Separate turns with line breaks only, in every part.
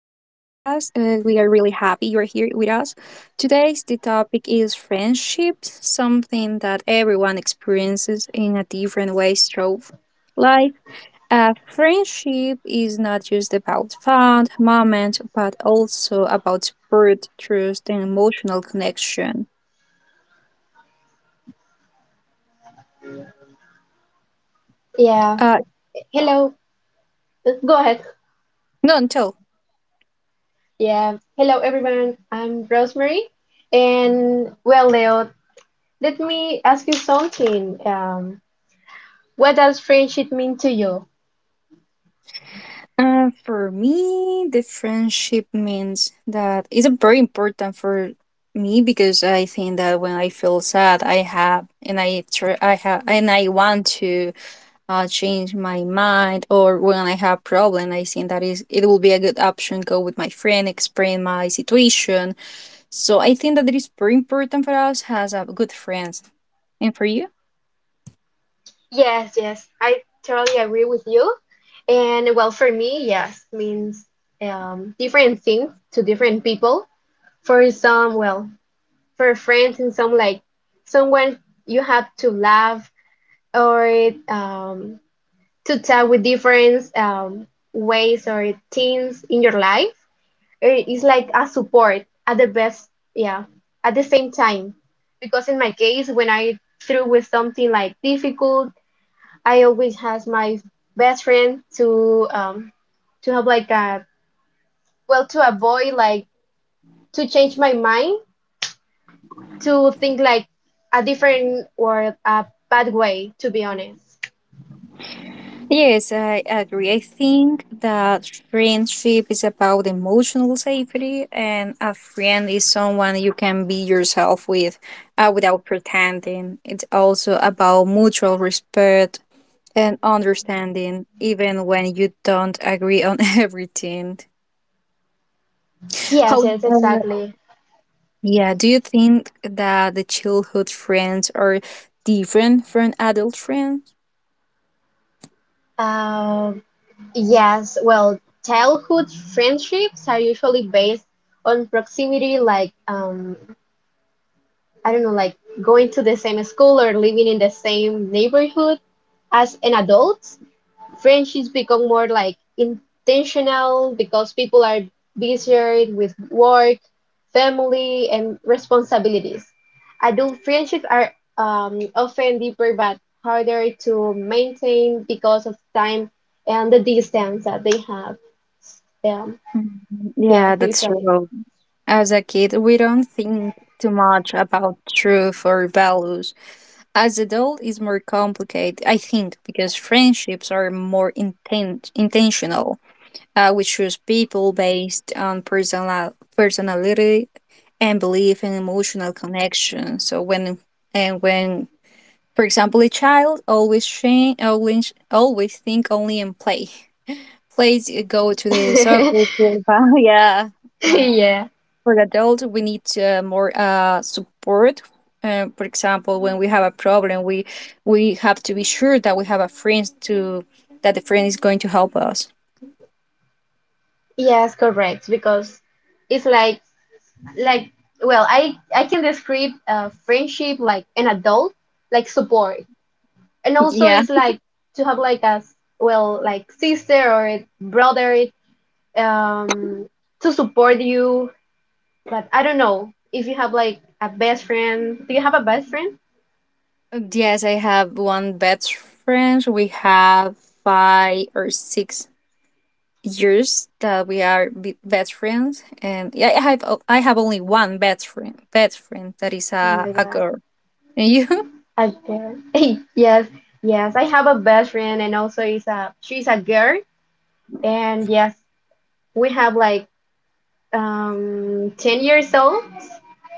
We are really happy you are here with us. Today's the topic is friendship, something that everyone experiences in a different way through life. A friendship is not just about fun moments, but also about support, trust, and emotional connection.
Yeah.
Uh,
Hello. Go ahead.
no, tell.
Yeah. Hello, everyone. I'm Rosemary. And well, Leo, let me ask you something. What does friendship mean to you?
For me, the friendship means that it's very important for me because I think that when I feel sad, I have and I want to change my mind. Or when I have problem, I think that is it will be a good option go with my friend, explain my situation. So I think that it is very important for us has a good friends. And for you?
Yes, yes. I totally agree with you. And well, for me, yes, means different things to different people. For some, well, for friends and some, like someone you have to laugh or to talk with different ways or things in your life. It's like a support at the best, yeah, at the same time. Because in my case, when I through with something like difficult, I always has my best friend to have like a well to avoid like to change my mind to think like a different or a bad way to be honest.
Yes, I agree. I think that friendship is about emotional safety, and a friend is someone you can be yourself with without pretending. It's also about mutual respect and understanding, even when you don't agree on everything. How?
Yes, yes, exactly.
Yeah, do you think that the childhood friends are different from adult friends?
um Yes, well, childhood friendships are usually based on proximity, like I don't know, like going to the same school or living in the same neighborhood as an adult. French is become more like intentional because people are busier with work, family, and responsibilities. Adult friendships are often deeper but harder to maintain because of time and the distance that they have. Yeah,
Mhm.
yeah,
Yeah, that's
usually.
true. As a kid, we don't think too much about truth or values. As adult is more complicated, I think, because friendships are more intentional. We choose people based on personality and belief and emotional connection. So when, for example, a child always always think only in play. Plays go to the soccer field. Yeah, when
Yeah.
for adults we need more support, for example when we have a problem we have to be sure that we have a friend to that the friend is going to help us.
Yes, correct. Because it's like like well, I can describe friendship like an adult, like support. And also
Yeah.
it's like to have like a well, like sister or brother um to support you. But I don't know, if you have like a best friend, do you have a best friend?
Yes, I have one best friend. We have 5 or 6 years that we are best friends. And yeah, I have I have only one best friend that is
Oh my
a
God,
girl. And
I do. Yes, yes, I have a best friend, and also is a she's a girl, and yes, we have like 10 years old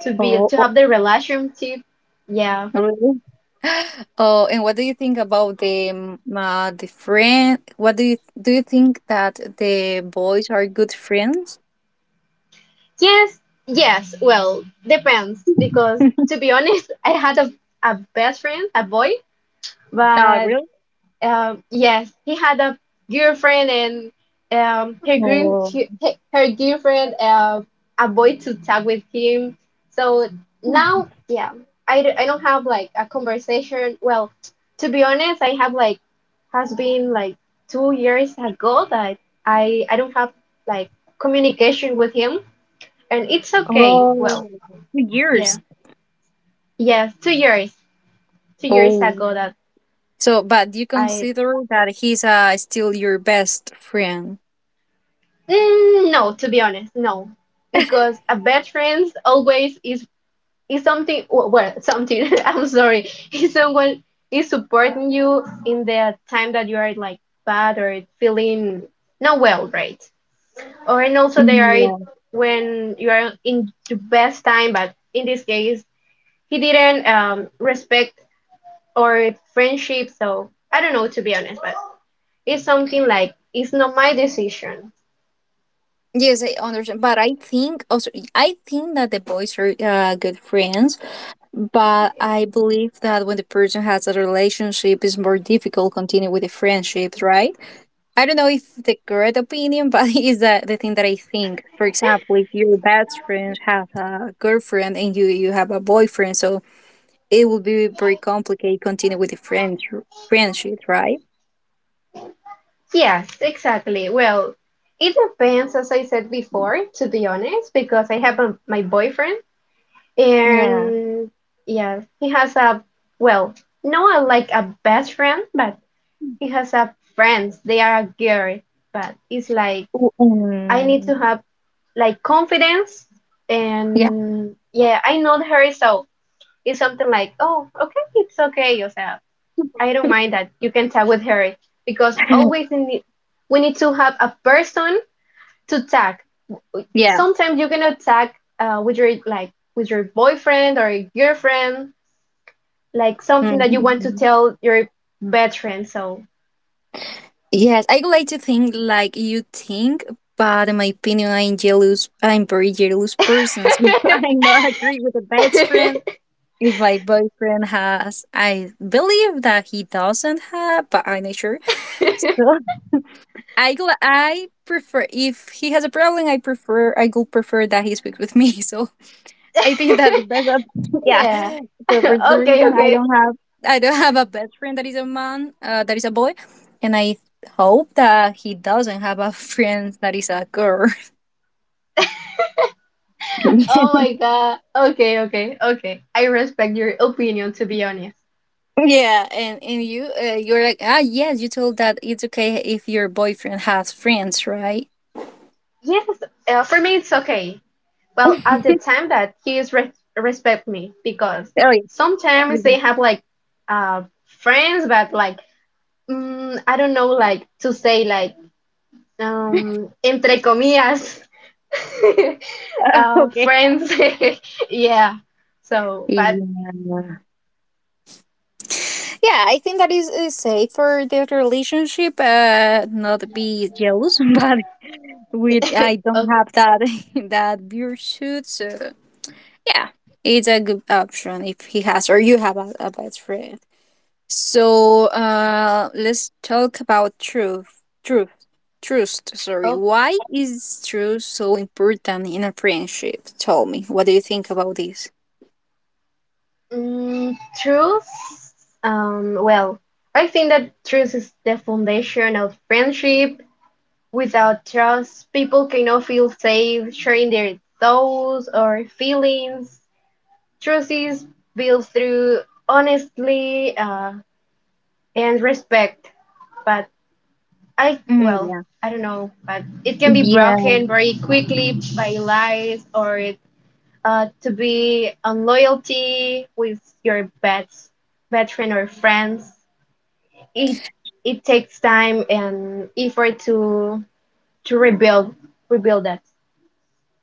to be
you?
to have the relationship. Yeah.
Really? Oh, and what do you think about the friend? What do you think that the boys are good friends?
Yes, yes. Well, depends because to be honest, I had a best friend, a boy, but
Really?
yes, he had a girlfriend, and her girl,
Oh,
her girlfriend, a boy to talk with him. So now, yeah, I, I don't have like a conversation. Well, to be honest, I have like has been like 2 years ago that I don't have like communication with him, and it's okay. Well,
Oh, 2 years.
yeah, yeah, 2 years, 2 years
Oh.
ago that
So, but you
I
consider that he's still your best friend?
no, to be honest, no, because a best friend always is something well something. I'm sorry, is someone is supporting you in the time that you are like bad or feeling not well, right? Or and also they are
Yeah.
when you are in the best time, but in this case, he didn't respect or friendship. So I don't know to be honest, but it's something like it's not my decision.
Yes, I understand. But I think also I think that the boys are good friends. But I believe that when the person has a relationship, it's more difficult continue with the friendships, right? I don't know if the correct opinion, but it's the thing that I think. For example, if your best friend has a girlfriend and you have a boyfriend, so it will be very complicated continue with the friend friendship, right?
Yes, exactly. Well, it depends, as I said before, to be honest, because I have a, my boyfriend,
Yeah.
and yeah, he has a well, not like a best friend, but he has a friends. They are a girl, but it's like I need to
Mm,
have like confidence,
yeah.
and yeah, I know her. So it's something like, oh, okay, it's okay, yourself. I don't mind that. You can tag with her because always in the, we need to have a person to tag.
Yeah.
Sometimes you cannot tag with your like with your boyfriend or your girlfriend, like something that you want to
Mm.
tell your best friend. So
Yes, I would like to think like you think, but in my opinion, I'm jealous. I'm very jealous person. So I not agree with the best friend. If my boyfriend has, I believe that he doesn't have, but I'm not sure. So I go. I prefer if he has a problem. I prefer. I go prefer that he speaks with me. So I think that the best, yeah.
yeah.
So for the
Okay,
reason
okay.
I don't have a best friend that is a man, that is a boy, and I hope that he doesn't have a friend that is a girl.
Oh my God. Okay, okay, okay. I respect your opinion, to be honest.
Yeah, and you, you're like, ah, yes, you told that it's okay if your boyfriend has friends, right?
Yes, for me it's okay.
Oh
Well, at the time that kids re respect me because
yeah.
sometimes they have like friends, but like I don't know, like to say like entre comillas
Okay.
friends. Yeah. So, but
Yeah. Yeah, I think that is safe for the relationship. Not be jealous, but we I don't
oh,
have that that virtue. So yeah, it's a good option if he has or you have a best friend. So let's talk about trust. Sorry,
oh,
why is truth so important in a friendship? Tell me, what do you think about this?
truth. Well, I think that truth is the foundation of friendship. Without trust, people cannot feel safe sharing their thoughts or feelings. Trust is built through honesty and respect. But I, well,
Mm,
I don't know, but it can be
yeah.
broken very quickly by lies or to be unloyalty with your bad, bad friend or friends. It it takes time and effort to rebuild that.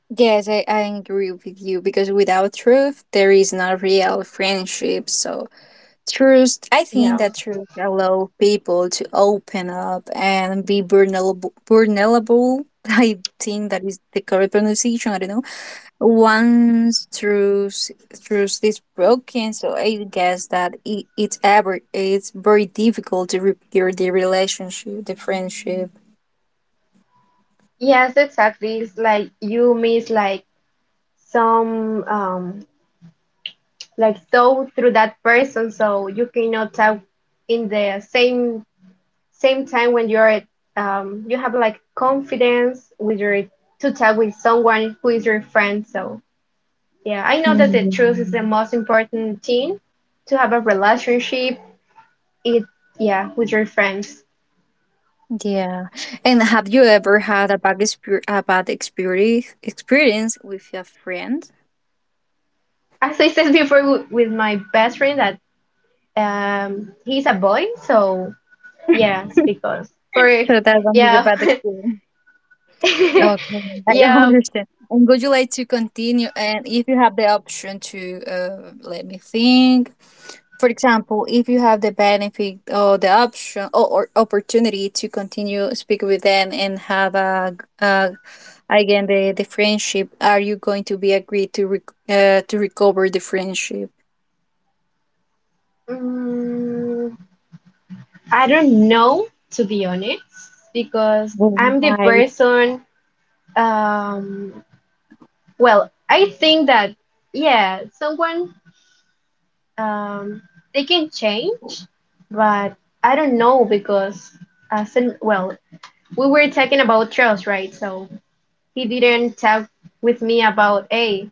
Yes, I agree with you because without truth, there is not real friendship. So, truth, I think
Yeah.
that truth allow people to open up and be vulnerable. Vulnerable. I think that is the correct pronunciation. I don't know. Once truth is broken, so I guess that it's ever it's very difficult to repair the relationship, the friendship.
Yes, exactly. It's like you miss like some like thought through that person, so you cannot talk in the same same time when you're you have like confidence with your to talk with someone who is your friend. So yeah, I know that the truth is the
Mm.
most important thing to have a relationship. It yeah with your friends.
Yeah. And have you ever had a bad experience with your friend?
As I said before, with my best friend, that he's a boy, so. Yes, because for
So that one is a
yeah,
bad experience. Okay, I
yeah.
understand. And would you like to continue? And if you have the option to, let me think. For example, if you have the benefit or the option or opportunity to continue speak with them and have a, uh, again the friendship, are you going to be agreed to to recover the friendship?
mm, I don't know to be honest because I'm the
Right.
person. Um, well, I think that yeah, someone um they can change, but I don't know because as in, well, we were talking about trust, right? So he didn't talk with me about a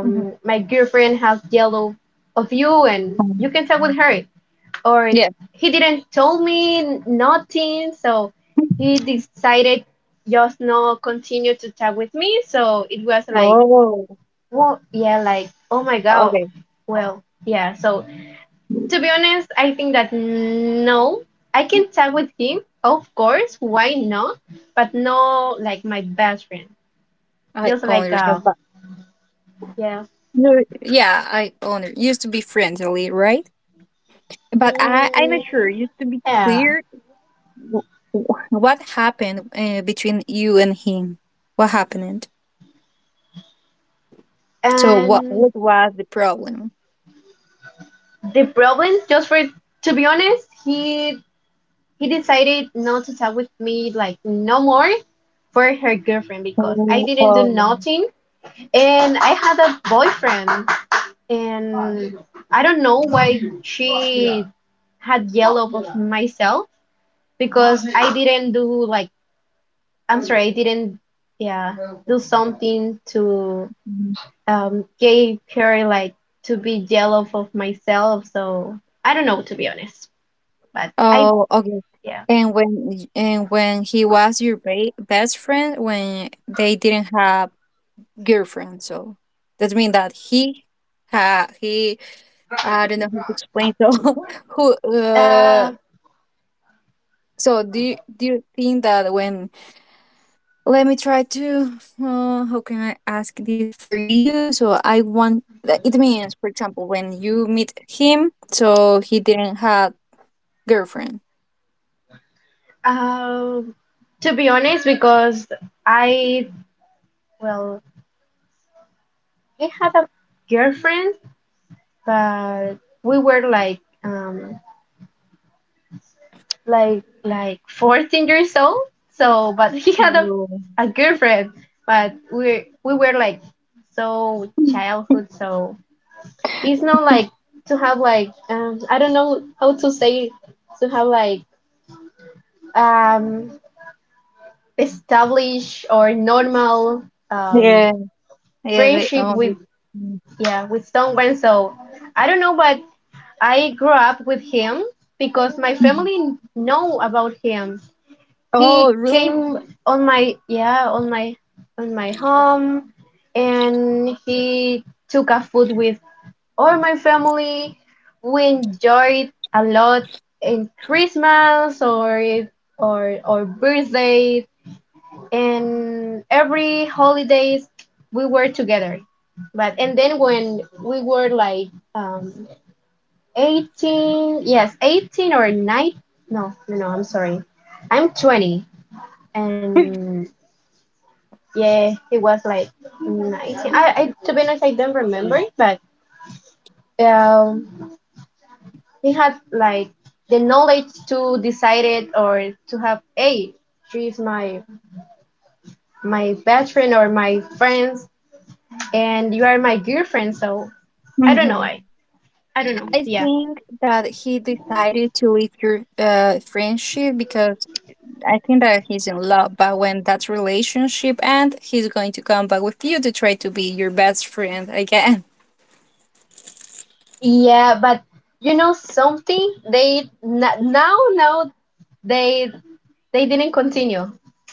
Mhm.
my girlfriend has yellow of you, and you can talk with her, or
Yeah.
he didn't tell me nothing. So he decided just not continue to talk with me, so it was like
Oh,
well yeah like oh my God.
okay.
Well, yeah, so to be honest, I think that no, I can talk with him, of course, why not, but no, like my best friend,
I
just
totally
like
understand, but
yeah.
no, yeah, I only used to be friendly, right? But I'm not
mm,
sure. Used to be
yeah.
clear wh- what happened between you and him. What happened? So
And
what was the problem?
the problem, just for to be honest, he decided not to talk with me like no more for her girlfriend, because I
Oh,
didn't do
oh,
nothing, and I had a boyfriend, and I don't know why she had yellow of myself because I didn't do like I'm sorry, I didn't yeah do something to
mm,
gave her like to be jealous of myself. So I don't know to be honest. But I
oh, okay.
yeah.
And when he was your ba best friend, when they didn't have girlfriend. So that means that he, I don't know how to explain. So who,
Uh,
so do do you think that when let me try to, how can I ask this for you? So I want that it means, for example, when you meet him, so he didn't have girlfriend.
uh, to be honest, because I well, I had a girlfriend, but we were like like 14 years old. So, but he had a
Oh.
a girlfriend, but we were like so childhood. So it's not like to have like I don't know how to say to have like um establish or normal
Yeah,
um,
yeah, they
friendship with
only.
yeah with someone. So I don't know, but I grew up with him because my family know about him. He
Oh, really?
came on my yeah on my home, and he took a food with all my family. We enjoyed a lot in Christmas or or birthday, and every holidays we were together. But and then when we were like um 18, yes, 18 or 9, no, no, no, I'm sorry, I'm 20, and yeah, it was like 19. I, to be honest, I don't remember, but um he had like the knowledge to decide it, or to have, hey, she's my best friend or my friends, and you are my girlfriend. So I don't know.
Hmm,
I don't know.
I
Yeah.
think that he decided to leave your friendship because I think that he's in love. But when that relationship ends, he's going to come back with you to try to be your best friend again.
Yeah, but you know something? They now now they they didn't continue,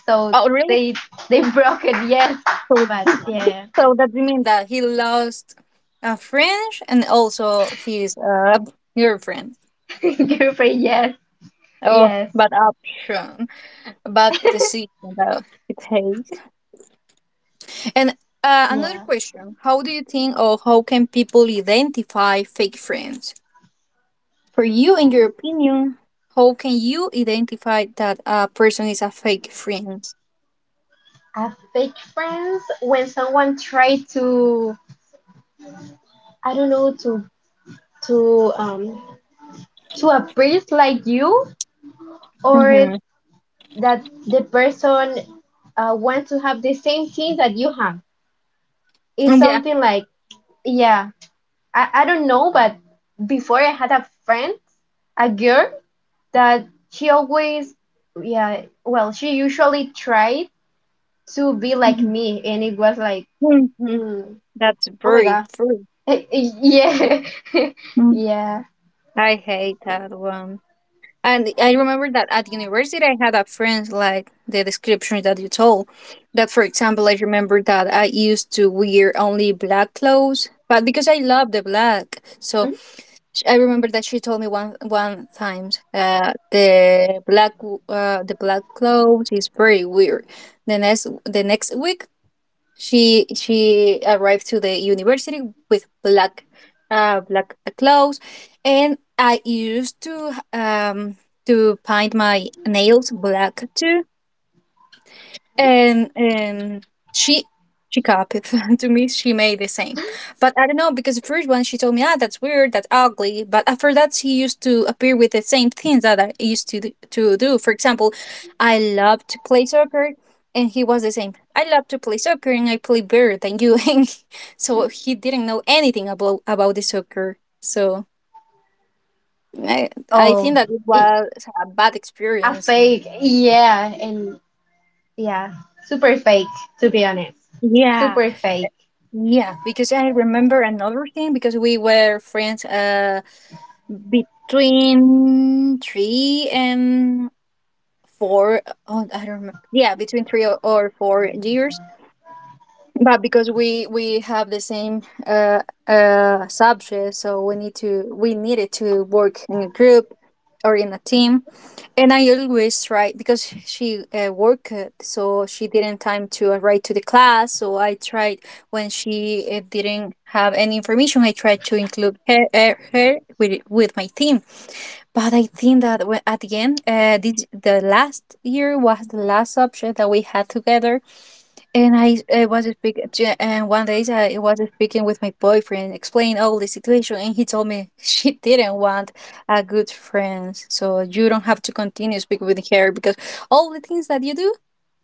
so
Oh, really?
they they broke it. Yes,
So,
but yeah,
so that means that he lost a friend and also his girlfriend.
girlfriend. Yes,
Oh,
yes,
but option, but decision that he takes. And another
yeah.
question. How do you think or how can people identify fake friends? For you, in your opinion, how can you identify that a person is a fake friend?
A fake friends when someone try to I don't know to to um to appease like you, or
Mm-hmm.
that the person wants to have the same thing that you have. It's
Yeah.
something like yeah, I, don't know, but before I had a friend, a girl that she always, yeah, well, she usually tried to be like me, and it was like,
Mm-hmm.
mm,
That's
oh my God.
very.
Yeah,
Mm.
yeah.
I hate that one. And I remember that at university, I had a friend like the description that you told. That, for example, I remember that I used to wear only black clothes, but because I love the black, so
Mm,
I remember that she told me one time, the black clothes is very weird. The next week she arrived to the university with black, black clothes, and I used to paint my nails black too and she copied to me. She made the same but I don't know because the first one she told me, ah, that's weird, that's ugly, but after that she used to appear with the same things that I used to do, for example I love to play soccer and he was the same. I love to play soccer and I play better than you. And so he didn't know anything about the soccer. So i I think
oh,
that it
it,
was a bad
a
experience.
fake. Yeah, and yeah, super fake, to be honest.
Yeah.
Super fake.
Yeah, because I remember another thing because we were friends between 3 and 4. Oh, I don't remember. Yeah, between or four years but because we have the same, subject, so we needed to work in a group or in a team and I always try because she worked so she didn't time to write to the class so I tried when she didn't have any information I tried to include her with my team but I think that when, at the end, the last year was the last subject that we had together and I was speaking, and one day I was speaking with my boyfriend, explaining all the situation, and he told me she didn't want a good friend, so you don't have to continue speaking with her because all the things that you do,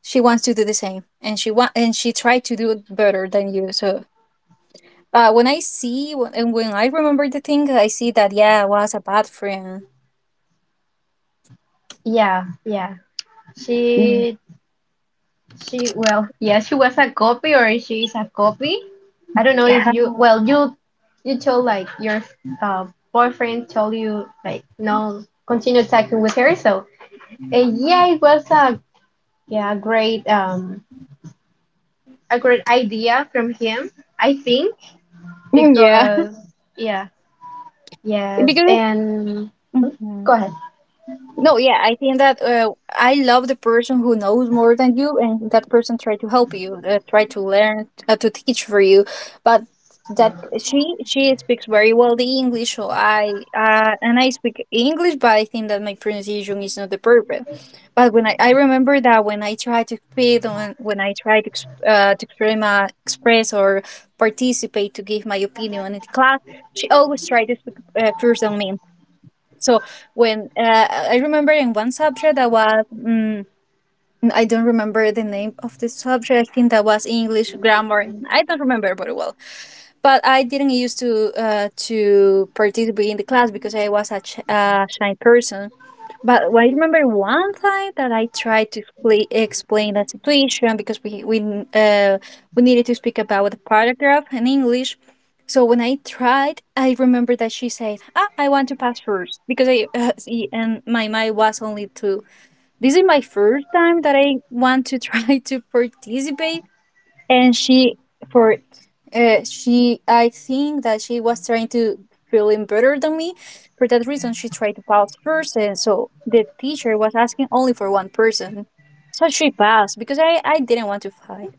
she wants to do the same, and she want and she tried to do it better than you. So when I see, when- and when I remember the thing, I see that yeah, I was a bad friend.
Yeah, yeah. She, well, yeah, she was a copy, or she is a copy. I don't know
Yeah,
if you well you told like your uh, boyfriend told you like no continue talking with her. So and yeah, it was a yeah great a great idea from him, I think,
yeah,
because yeah yes,
because.
and go
Mhm.
ahead.
No, yeah, I think that I love the person who knows more than you, and that person try to help you, try to learn, to teach for you. But that she speaks very well the English, so I and I speak English, but I think that my pronunciation is not the perfect. But when I remember that when I try to speak, when I try to to express, express or participate to give my opinion in the class, she always try to speak first on me. So when I remember in one subject that was, I don't remember the name of the subject. I think that was English grammar. I don't remember very well, but I didn't used to participate in the class because I was a shy person. But I remember one time that I tried to explain the situation because uh, we needed to speak about the paragraph in English. So when I tried, I remember that she said, "Ah, I want to pass first because I see, and my mind was only two. This is my first time that I want to try to participate, and for she, I think, that she was trying to feeling better than me. For that reason she tried to pass first, and so the teacher was asking only for one person, so she passed because I didn't want to fight."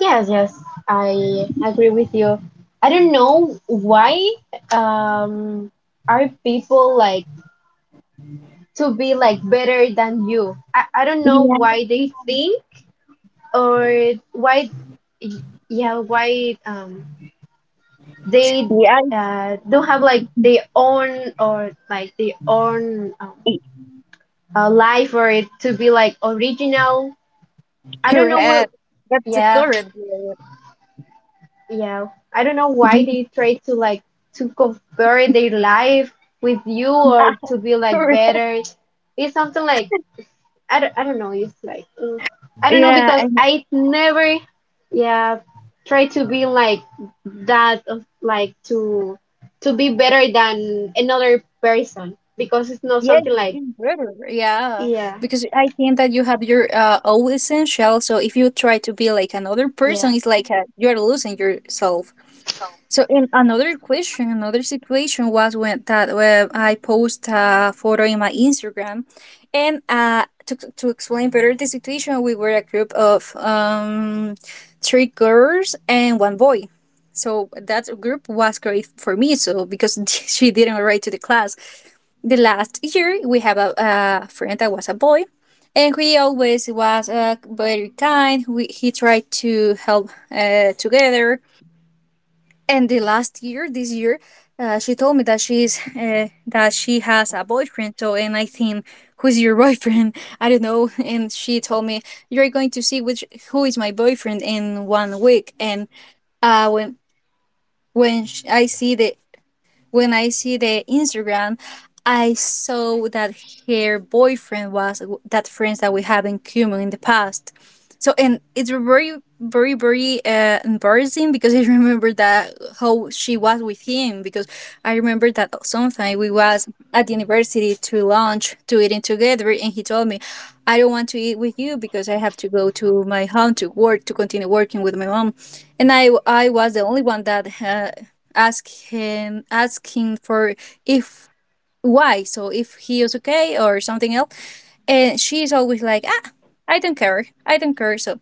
Yes, yes, I agree with you. I don't know why um are people like to be like better than you. I, don't know
Yeah.
why they think or why yeah why they
Yeah.
don't have like their own or like their own
it-
life or it to be like original. I don't know what
Correct, that's the
yeah
correct word.
yeah I don't know why
Yeah.
they try to like to compare their life with you or to be like
Correct.
better. It's something like I don't know. It's like I don't know
Yeah.
because I never, yeah, try to be like that of like to be better than another person because it's not
Yes,
something like
it's better. Yeah,
yeah
because I think that you have your own essential. So if you try to be like another person,
yeah
it's like you are losing yourself. So in another question, another situation was when that when I post a photo in my Instagram, and to explain better the situation, we were a group of three girls and one boy. So that group was great for me. So because she didn't write to the class, the last year we have a friend that was a boy, and he always was very kind. We, he tried to help together, and the last year, this year, she told me that she has a boyfriend. So, and I think, who's your boyfriend? I don't know. And she told me, you're going to see which who is my boyfriend in 1 week. And uh, when when sh- I see the when I see the Instagram, I saw that her boyfriend was that friends that we have in common in the past. So, and it's very, very, very embarrassing because I remember that how she was with him, because I remember that sometime we was at the university to lunch, to eating together, and he told me, I don't want to eat with you because I have to go to my home to work, to continue working with my mom. And I was the only one that asked him, asking for if why, so if he was okay or something else. And she's always like, ah, I don't care, I don't care. So,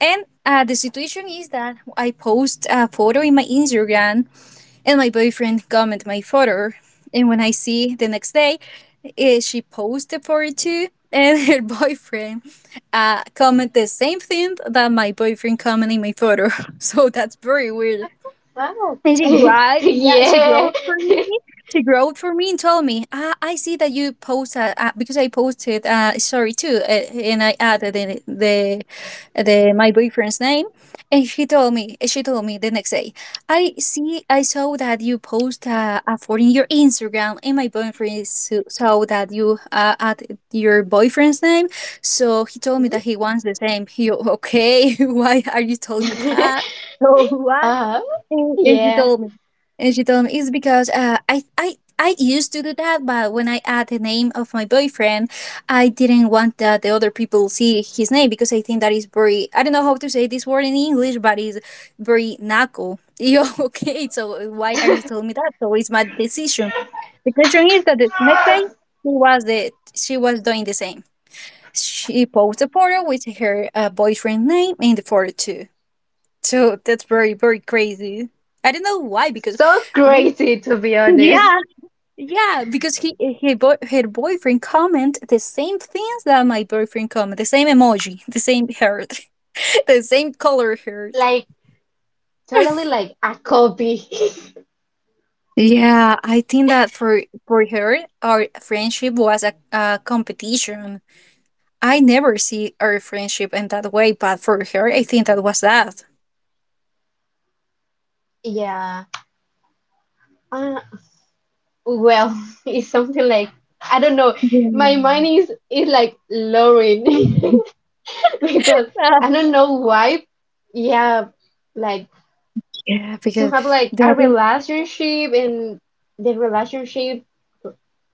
and the situation is that I post a photo in my Instagram, and my boyfriend comment my photo. And when I see the next day, she posted for it too, and her boyfriend comment the same thing that my boyfriend comment in my photo. So that's very weird.
wow
And she cried. Yeah, she
yeah
growled for me. She growled for me and told me, ah, I see that you post because I posted a story too, and I added in the my boyfriend's name. And she told me the next day, I see, I saw that you post a photo in your Instagram, and my boyfriend saw that you added your boyfriend's name. So he told me that he wants the same. He okay? Why are you telling me
uh
that? So why?
huh
And she
yeah
told me, and she told me it's because I used to do that, but when I add the name of my boyfriend, I didn't want that the other people see his name, because I think that is very, I don't know how to say this word in English, but it's very knuckle. Yo, okay, so why are you telling me that? So it's my decision. The question is that the next day she was the she was doing the same. She posted a photo with her boyfriend name in the photo too. So that's very, very crazy. I don't know why, because
so
we.
crazy to be honest,
Yeah, yeah, because he, eh, he boy, her boyfriend comment the same things that my boyfriend comment, the same emoji, the same heart, the same color heart.
like totally like a copy.
Yeah, I think that for her, our friendship was a competition. I never see our friendship in that way, but for her, I think that was that.
Yeah. uh, Well, it's something like I don't know. My mind
Yeah.
is like lowering because I don't know why. Yeah, like
Yeah,
to
because
have like a
that.
relationship, and the relationship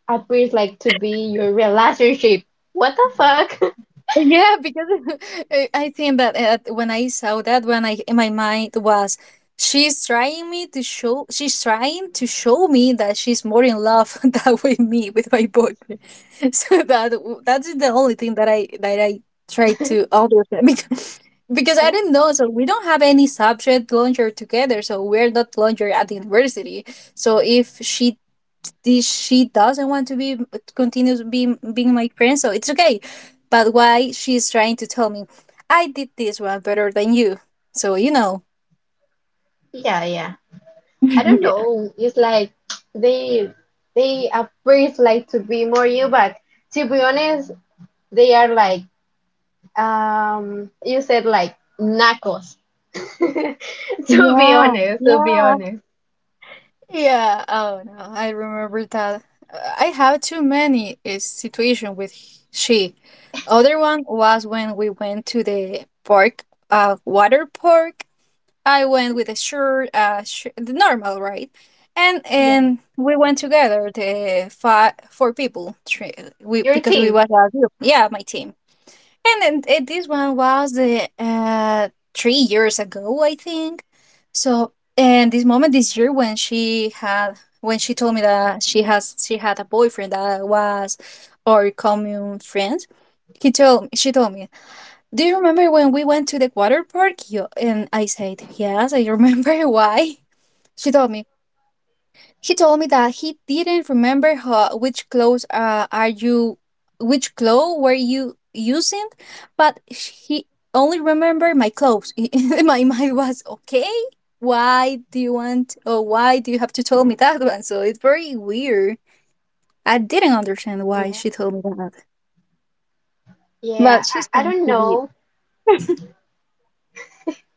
appears like to be your relationship. What the fuck?
Yeah, because I think that when I saw that, when I in my mind was, she's trying to show me that she's more in love that with me with my boyfriend. So that's the only thing that I tried to understand because I
Uh,
didn't know. So we don't have any subject launcher together. So we're not launcher at the university. So if she doesn't want to be continues being my friend, so it's okay. But why she's trying to tell me, I did this one better than you. So you know.
yeah, yeah. I don't
Yeah.
know. It's like they they appears like to be more you, but to be honest, they are like you said like knuckles. To be
Yeah.
honest, to be
Yeah.
honest.
Yeah. Oh no, I remember that. I have too many situation with she. Other one was when we went to the park, water park. I went with a shirt, the normal, right? And
Yeah.
we went together, the five, four people, three, we
Your
because we
team.
was a group. Yeah, my team. And this one was the 3 years ago, I think. So, and this moment, this year, when she had when she told me that she had a boyfriend that was our common friend. He told She told me, do you remember when we went to the water park? And I said, yes, I remember. Why? She told me, he told me that he didn't remember which clothes were you using, but he only remembered my clothes. In my mind was, okay, why do you have to tell me that one? So it's very weird. I didn't understand why
Yeah.
she told me that,
Yeah.
but she's
I
trying
don't
to be.
know.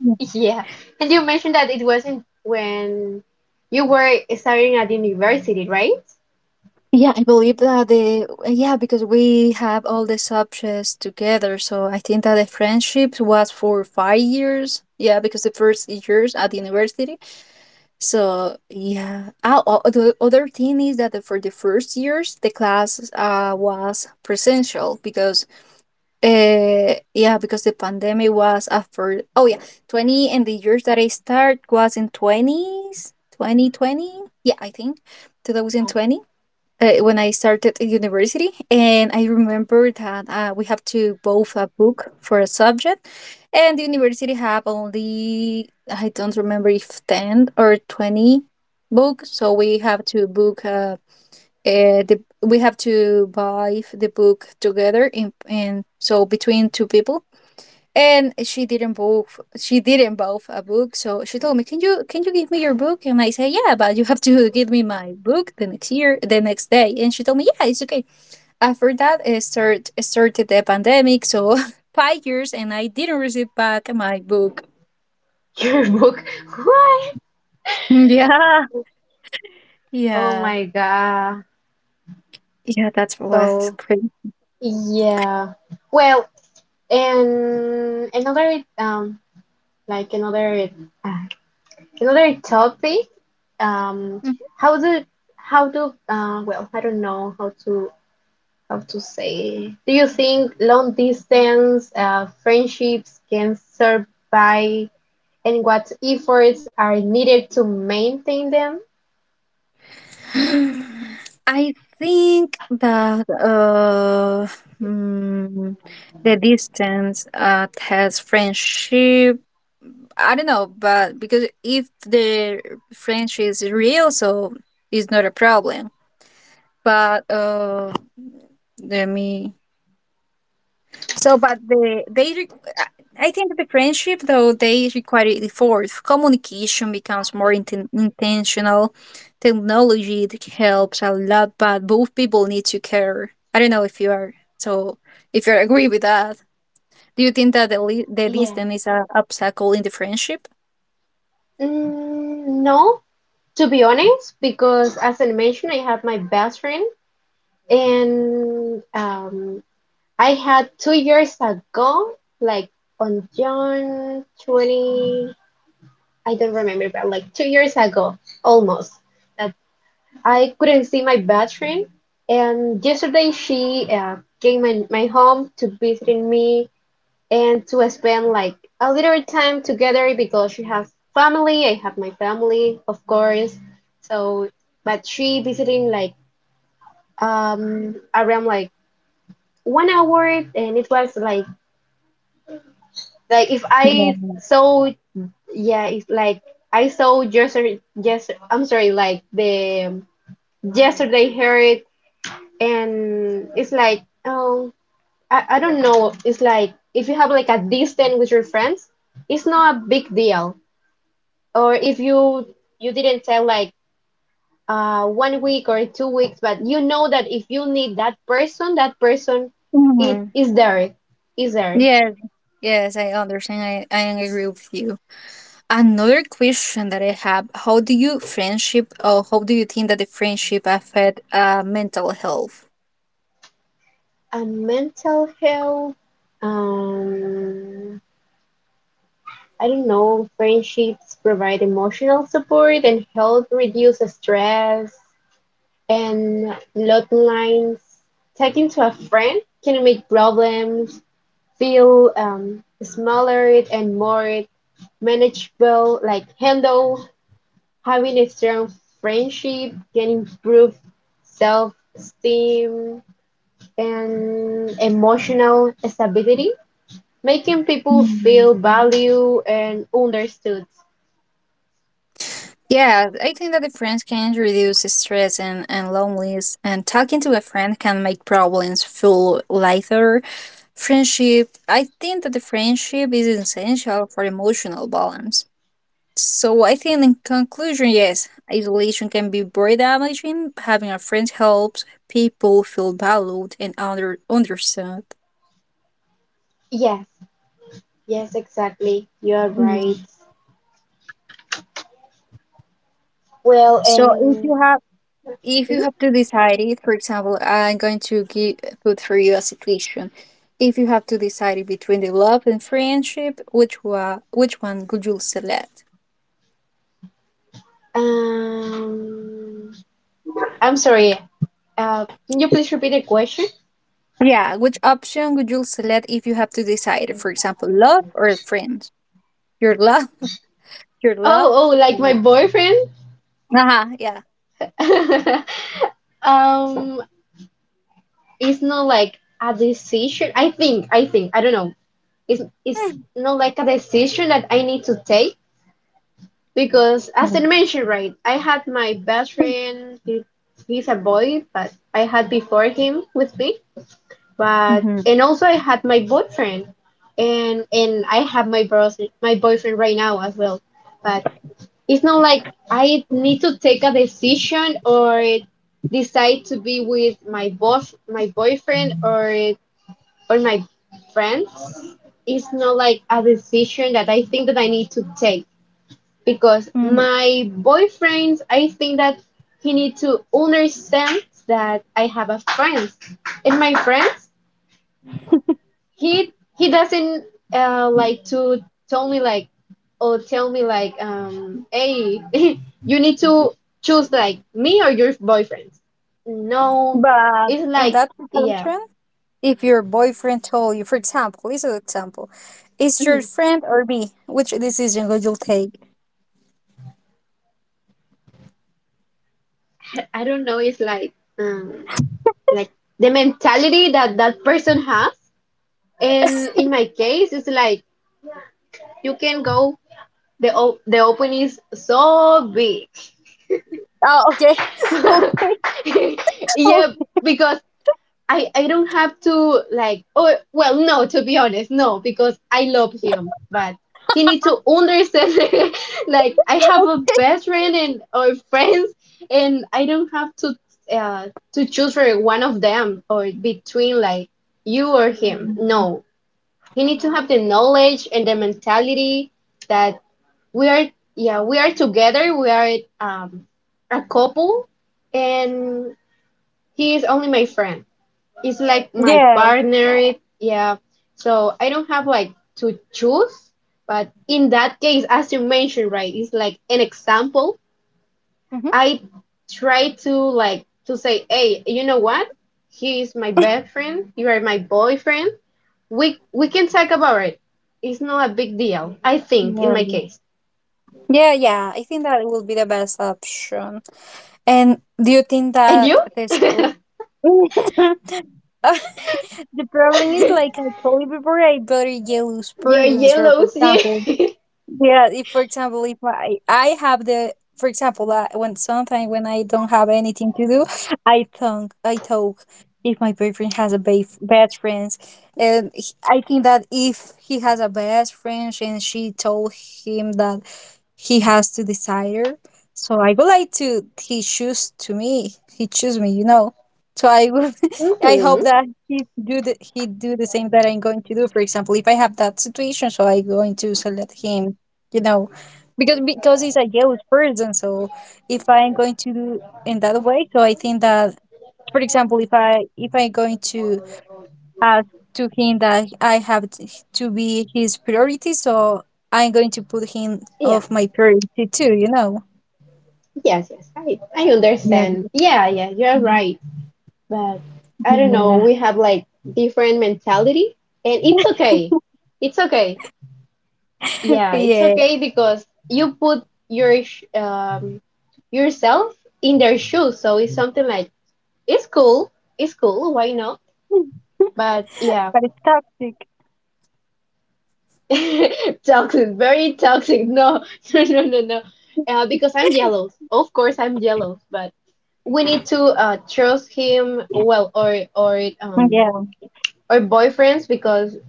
Yeah. And you mentioned that it wasn't when you were studying at university, right?
Yeah, I believe that the yeah because we have all the subjects together, so I think that the friendships was for 5 years. Yeah, because the first years at the university. So yeah, ah, the other thing is that for the first years the class was presential because yeah because the pandemic was after oh yeah 20 and the years that I start was in twenties 2020 I think two thousand
Oh.
twenty when I started in university. And I remember that we have to both a book for a subject, and the university have only, I don't remember if 10 or 20 books, so we have to book the we have to buy the book together, in, and so between two people, and she didn't book. She didn't both a book, so she told me, can you give me your book? And I said, yeah, but you have to give me my book the next day. And she told me, yeah, it's okay. After that it started the pandemic, so 5 years and I didn't receive back my book.
Your book. What?
Yeah,
Oh
yeah,
my God.
yeah, that's was
So,
crazy.
yeah. Well, and another like another uh, another topic, um
Mhm.
how do how do, I don't know how to say, do you think long distance friendships can survive, and what efforts are needed to maintain them?
I think that hmm, the distance has friendship, I don't know, but because if the French is real, so it's not a problem. But let me. So, but the they. I I think the friendship though they require effort. Communication becomes more intentional. Technology that helps a lot, but both people need to care. I don't know if you agree with that. Do you think that the
Yeah.
distance is a obstacle in the friendship?
No, to be honest, because as I mentioned, I have my best friend, and I had 2 years ago, like on June I don't remember, but like 2 years ago, almost, that I couldn't see my best friend. And yesterday she came in my home to visiting me and to spend like a little time together because she has family. I have my family, of course. So, but she visiting like around like 1 hour, and it was like if
Yeah.
I saw, yeah, it's like I saw yesterday. Yes, I'm sorry, like the yesterday heard it, and it's like, oh, I don't know, it's like if you have like a distance with your friends, it's not a big deal, or if you didn't tell like 1 week or 2 weeks, but you know that if you need that person, that person it
Mhm.
is there, is there.
Yes. Yes, I understand. I agree with you. Another question that I have, how do you think that the friendship affect mental health?
And mental health, um I don't know, friendships provide emotional support and help reduce stress and lot lines. Talking to a friend can make problems feel smaller and more manageable. Like handle having a strong friendship can improve self-esteem and emotional stability, making people feel valued and understood.
Yeah, I think that the friends can reduce stress and loneliness, and talking to a friend can make problems feel lighter. Friendship, I think that the friendship is essential for emotional balance. So I think in conclusion, yes, isolation can be very damaging. Having a friend helps people feel valued and understood.
Yes, yes, exactly. You are
Mm.
right. Well,
So if you
and
have,
mhm.
to decide it, for example, I'm going to put for you a situation. If you have to decide it between the love and friendship, which one, would you select?
Um, I'm sorry. Can you please repeat the question?
Yeah, which option would you select if you have to decide? For example, love or friends? Your love, your love.
Oh, oh, like my
um,
boyfriend?
Uh-huh, yeah.
Um, it's not like a decision. I think, I don't know. It's not like a decision that I need to take because, as I
Mm-hmm.
mentioned, right, I had my best friend. He's a boy, but I had before him with me, but and also I had my boyfriend, and I have my bros my boyfriend right now as well. But it's not like I need to take a decision or decide to be with my boss my boyfriend or my friends. It's not like a decision that I think that I need to take because
Mm-hmm.
my boyfriends, I think that he need to understand that I have a friends, and my friends, he he doesn't like to tell me like or tell me like, hey, you need to choose like me or your boyfriend. No,
But
it's
in
like,
that
yeah.
situation, if your boyfriend told you, for example, this is an example, is your friend or me, which decision would you take?
I don't know, it's like, um like the mentality that person has, and in my case it's like you can go, the o- the open is so big.
Oh, okay. Okay. Oh,
Yeah, because I don't have to like, oh, well, no, to be honest, no, because I love him, but he need to understand like I have a
okay.
best friend and or friends, and I don't have uh to choose for one of them or between like you or him.
Mhm.
No, he need to have the knowledge and the mentality that we are, yeah, we are together, we are um a couple, and he is only my friend. It's like my
Yeah.
partner. Yeah. So I don't have like to choose, but in that case, as you mentioned, right, it's like an example.
hmm
I try to like to say, hey, you know what? He is my best friend. You are my boyfriend. We can talk about it. It's not a big deal, I think, in
Yeah.
my case.
Yeah, yeah. I think that will be the best option. And do you think
And
that
you?
this
You're
Uh, the problem is like I told you before, I very jealous persons. For
yellow,
example,
yeah.
yeah, if for example, if I have the for example that when sometimes when I don't have anything to do, I talk. If my boyfriend has a best friend, and I think that if he has a best friend and she told him that he has to decide her. So I would like to he choose to me. He choose me, you know. So I would I hope
Mm-hmm.
that he do the same that I'm going to do. For example, if I have that situation, so I'm going to select him, you know. Because he's a jealous person, so if I'm going to do in that way, so I think that for example if I'm going to asked to him that I have to be his priority, so I'm going to put him
Yeah.
off my priority too, you know.
Yes, yes. I
Yeah.
understand. Yeah, yeah, you're right. But I don't know,
Yeah.
we have like different mentality, and it's okay. It's okay. Yeah, it's
Yeah,
okay because you put your sh- yourself in their shoes, so it's something like it's cool, it's cool, why not? But yeah,
but it's toxic.
toxic, very toxic. No, no, no, no, no. Because I'm jealous. Of course, I'm jealous, but we need to trust him well or
Yeah,
or boyfriends, because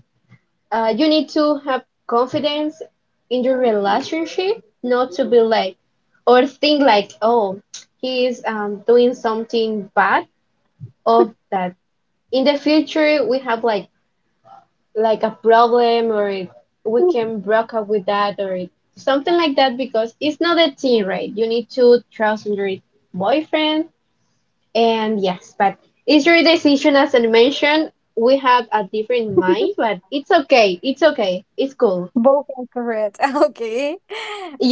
you need to have confidence in your relationship, not to be like, or think like, oh, he is doing something bad, of that in the future we have like a problem, or if we can break up with that, or it- something like that, because it's not a thing, right? You need to trust in your boyfriend, and yes, but it's your decision, as I mentioned. We have a different mind, but it's okay. It's okay. It's cool.
both are correct. Okay.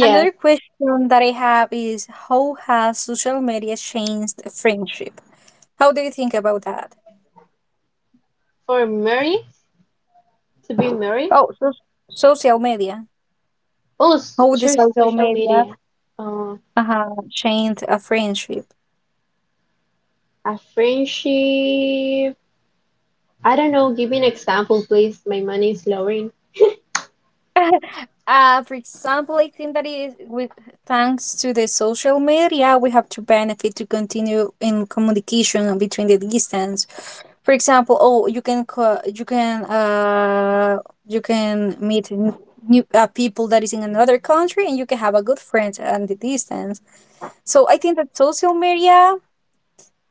Another question that I have is how has social media changed friendship? How do you think about that?
For Mary to be married,
Oh, so social media.
oh, s-
How the
sure,
social
social
media
media. Uh,
changed a friendship?
a friendship. I don't know. Give me an example, please. My money is lowering.
For example, I think that is with thanks to the social media, we have to benefit to continue in communication between the distance. For example, oh, you can you can you can meet new people that is in another country, and you can have a good friend at the distance. So I think that social media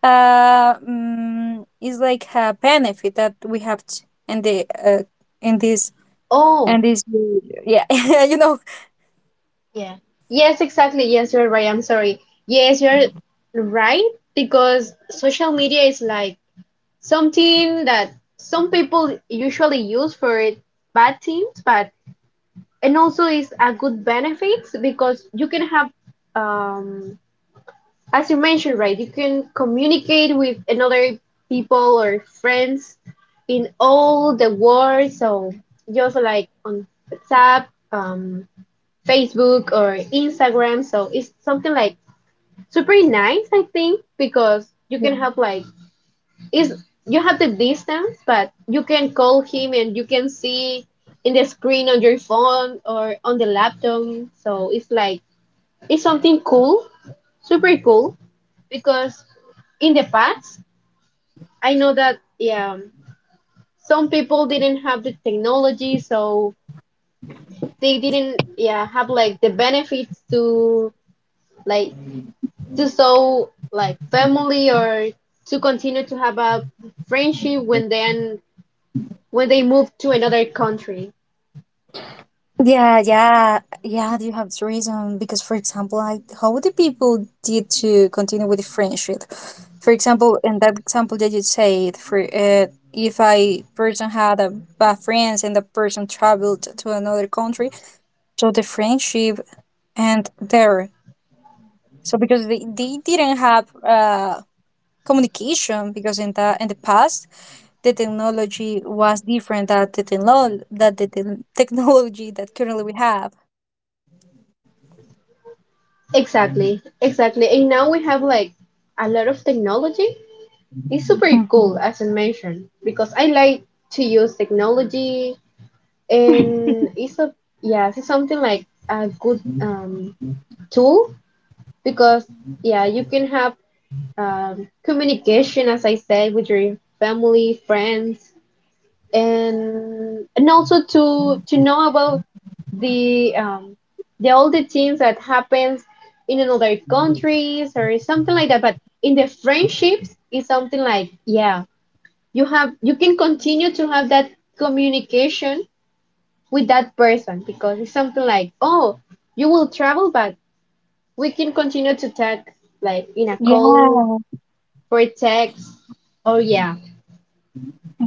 is like a benefit that we have in the in this
Oh,
and this yeah you know.
yeah. Yes, exactly. Yes, you're right. I'm sorry. Yes, you're right, because social media is like something that some people usually use for bad things, but and also is a good benefit, because you can have um as you mentioned, right, you can communicate with another people or friends in all the world. So just like on WhatsApp, Facebook, or Instagram. So it's something like super nice, I think, because you can have
Yeah,
like is you have the distance, but you can call him and you can see in the screen on your phone or on the laptop. So it's like it's something cool, super cool, because in the past I know that, yeah, some people didn't have the technology, so they didn't, yeah, have like the benefits to like to so like family or to continue to have a friendship when then when they move to another country.
yeah, yeah, yeah, you have reason because, for example, like how the people did to continue with the friendship. For example, in that example that you said, for if I person had a bad friends and the person traveled to another country, so the friendship and there, so because they didn't have communication because in the past the technology was different that the technol that the te- technology that currently we have.
Exactly, exactly. And now we have like a lot of technology. It's super cool, as I mentioned, because I like to use technology. And it's a, yeah, it's something like a good tool, because yeah, you can have communication, as I said, with your family, friends, and also to know about the um, the all the things that happens in another countries or something like that. But in the friendships, it's something like yeah, you have you can continue to have that communication with that person, because it's something like, oh, you will travel, but we can continue to talk like in a
Yeah,
call or a text. Oh yeah,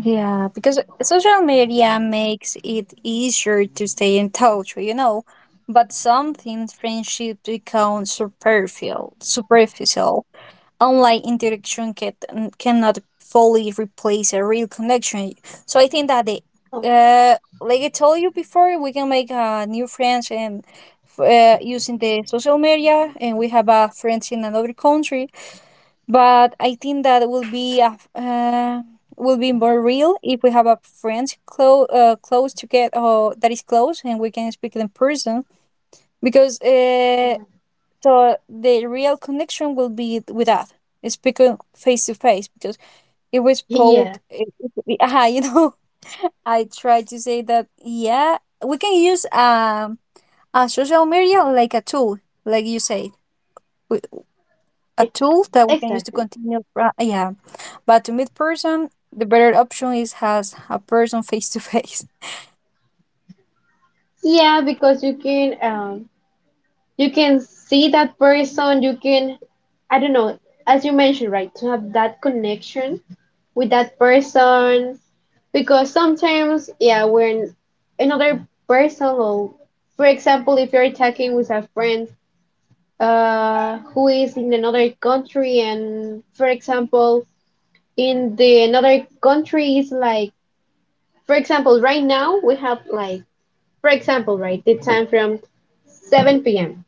yeah, because social media makes it easier to stay in touch, you know. But sometimes friendship become superficial. Online interaction cannot fully replace a real connection. So I think that the,
oh,
uh, like I told you before, we can make new friends and using the social media, and we have friends in another country, but I think that will be a, will be more real if we have a friend close close to get or that is close and we can speak in person because
yeah.
so the real connection will be with that speaking face to face because if we
Yeah,
spoke would you know. I try to say that yeah we can use a social media like a tool like you said a
Ex-
tool that we can use to
exactly.
continue. Yeah, but to meet person, the better option is has a person face to face.
Yeah, because you can see that person. You can, I don't know, as you mentioned, right, to have that connection with that person. Because sometimes, yeah, when another person, or for example, if you're talking with a friend who is in another country, and for example in the another country is like, for example right now we have like, for example right, the time from 7 p.m.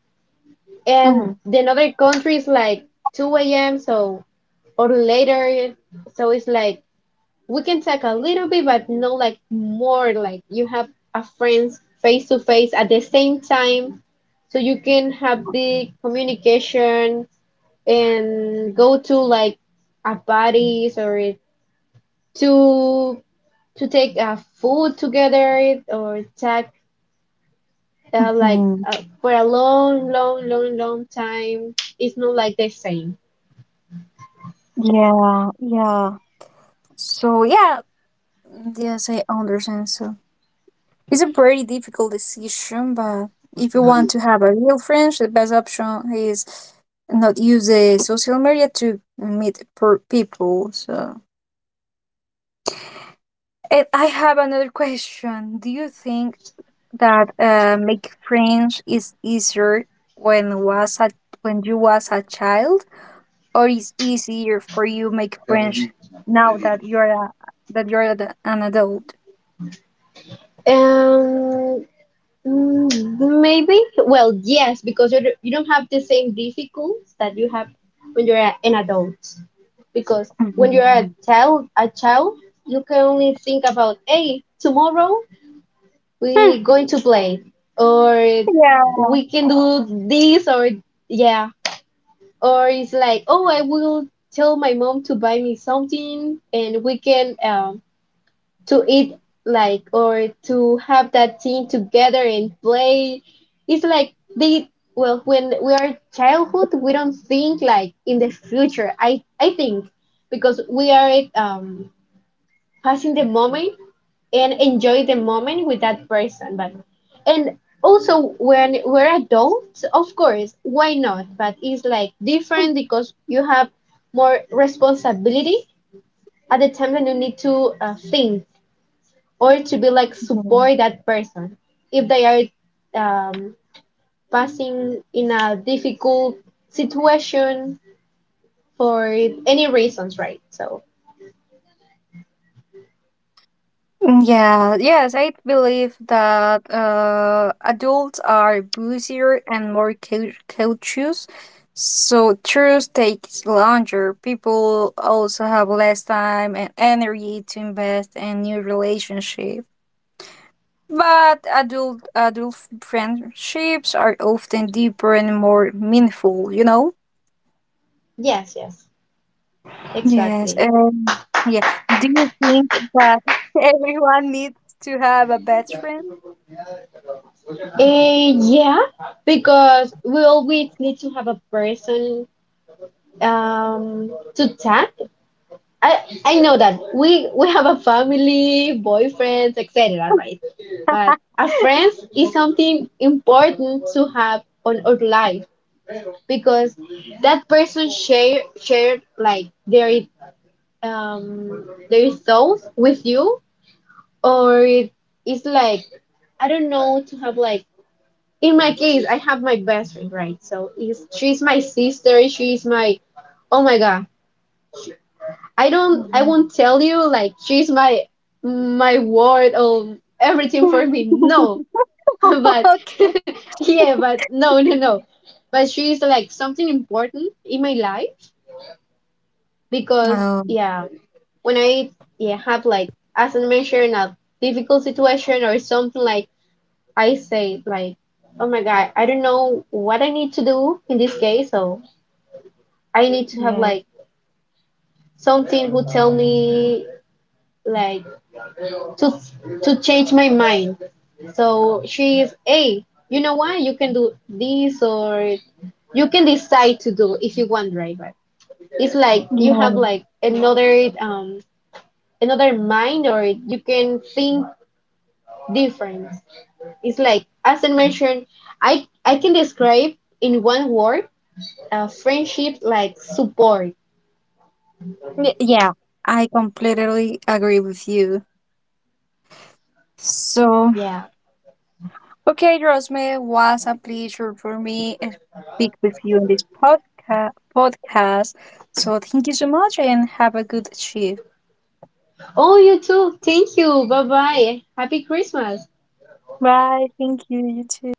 and
Mhm.
the another country is like 2 a.m. so or later, so it's like we can talk a little bit but no like more like you have a friends face to face at the same time, so you can have the communication and go to like a parties or to take food together or take like
Mhm.
for a long long long long time. It's not like the same,
Yeah, yeah. So yeah, yes, I understand. So it's a very difficult decision, but if you want to have a real friend, the best option is not use the social media to meet people. So, and I have another question. Do you think that make French is easier when was a when you was a child, or is easier for you make French now that you're a that an adult?
um maybe well yes, because you don't have the same difficulties that you have when you're a- an adult, because when you're a
Mhm.
child, a child you can only think about, hey, tomorrow we're
Hmm,
going to play, or
yeah.
we can do this, or yeah, or it's like, oh, I will tell my mom to buy me something, and we can to eat like or to have that thing together and play. It's like they, well, when we are childhood, we don't think like in the future, I think, because we are passing the moment and enjoy the moment with that person. But and also when we're adults, of course, why not, but it's like different because you have more responsibility at the time that you need to think or to be like
Yeah.
support that person if they are um, passing in a difficult situation for any reasons, right? So
Mm, yeah, yes, I believe that adults are busier and more cautious, so truth takes longer. People also have less time and energy to invest in new relationships. But adult friendships are often deeper and more meaningful, you know?
yes, yes,
Yes,
exactly.
yeah. Do you think that everyone needs to have a best friend?
Eh, yeah, because we always need to have a person um, to talk. I, I know that we have a family, boyfriends, etc., right? But a friend is something important to have on our life, because that person shared like their thoughts with you, or it is like I don't know, to have like in my case, I have my best friend, right? So is she's my sister. She's my, oh my god. I don't, I
Mhm.
won't tell you like she's my world or everything for me. No, but
Okay.
yeah, but no, no, no. But she's like something important in my life, because
Oh,
yeah, when I yeah have like, as I mentioned, a difficult situation or something, like I say like, oh my God, I don't know what I need to do in this case, so I need to have
yeah,
like something who tell me like to change my mind. So she is, hey, you know what? You can do this or you can decide to do if you want, right? But it's like you have
yeah,
like another another mind, or you can think different. It's like, as I mentioned, I can describe in one word a friendship like support.
Yeah. I completely agree with you. So.
Yeah.
Okay, Rosemary, it was a pleasure for me to speak with you in this podcast. So thank you so much and have a good shift.
Oh, you too. Thank you. Bye bye. Happy Christmas.
Bye. Thank you. You too.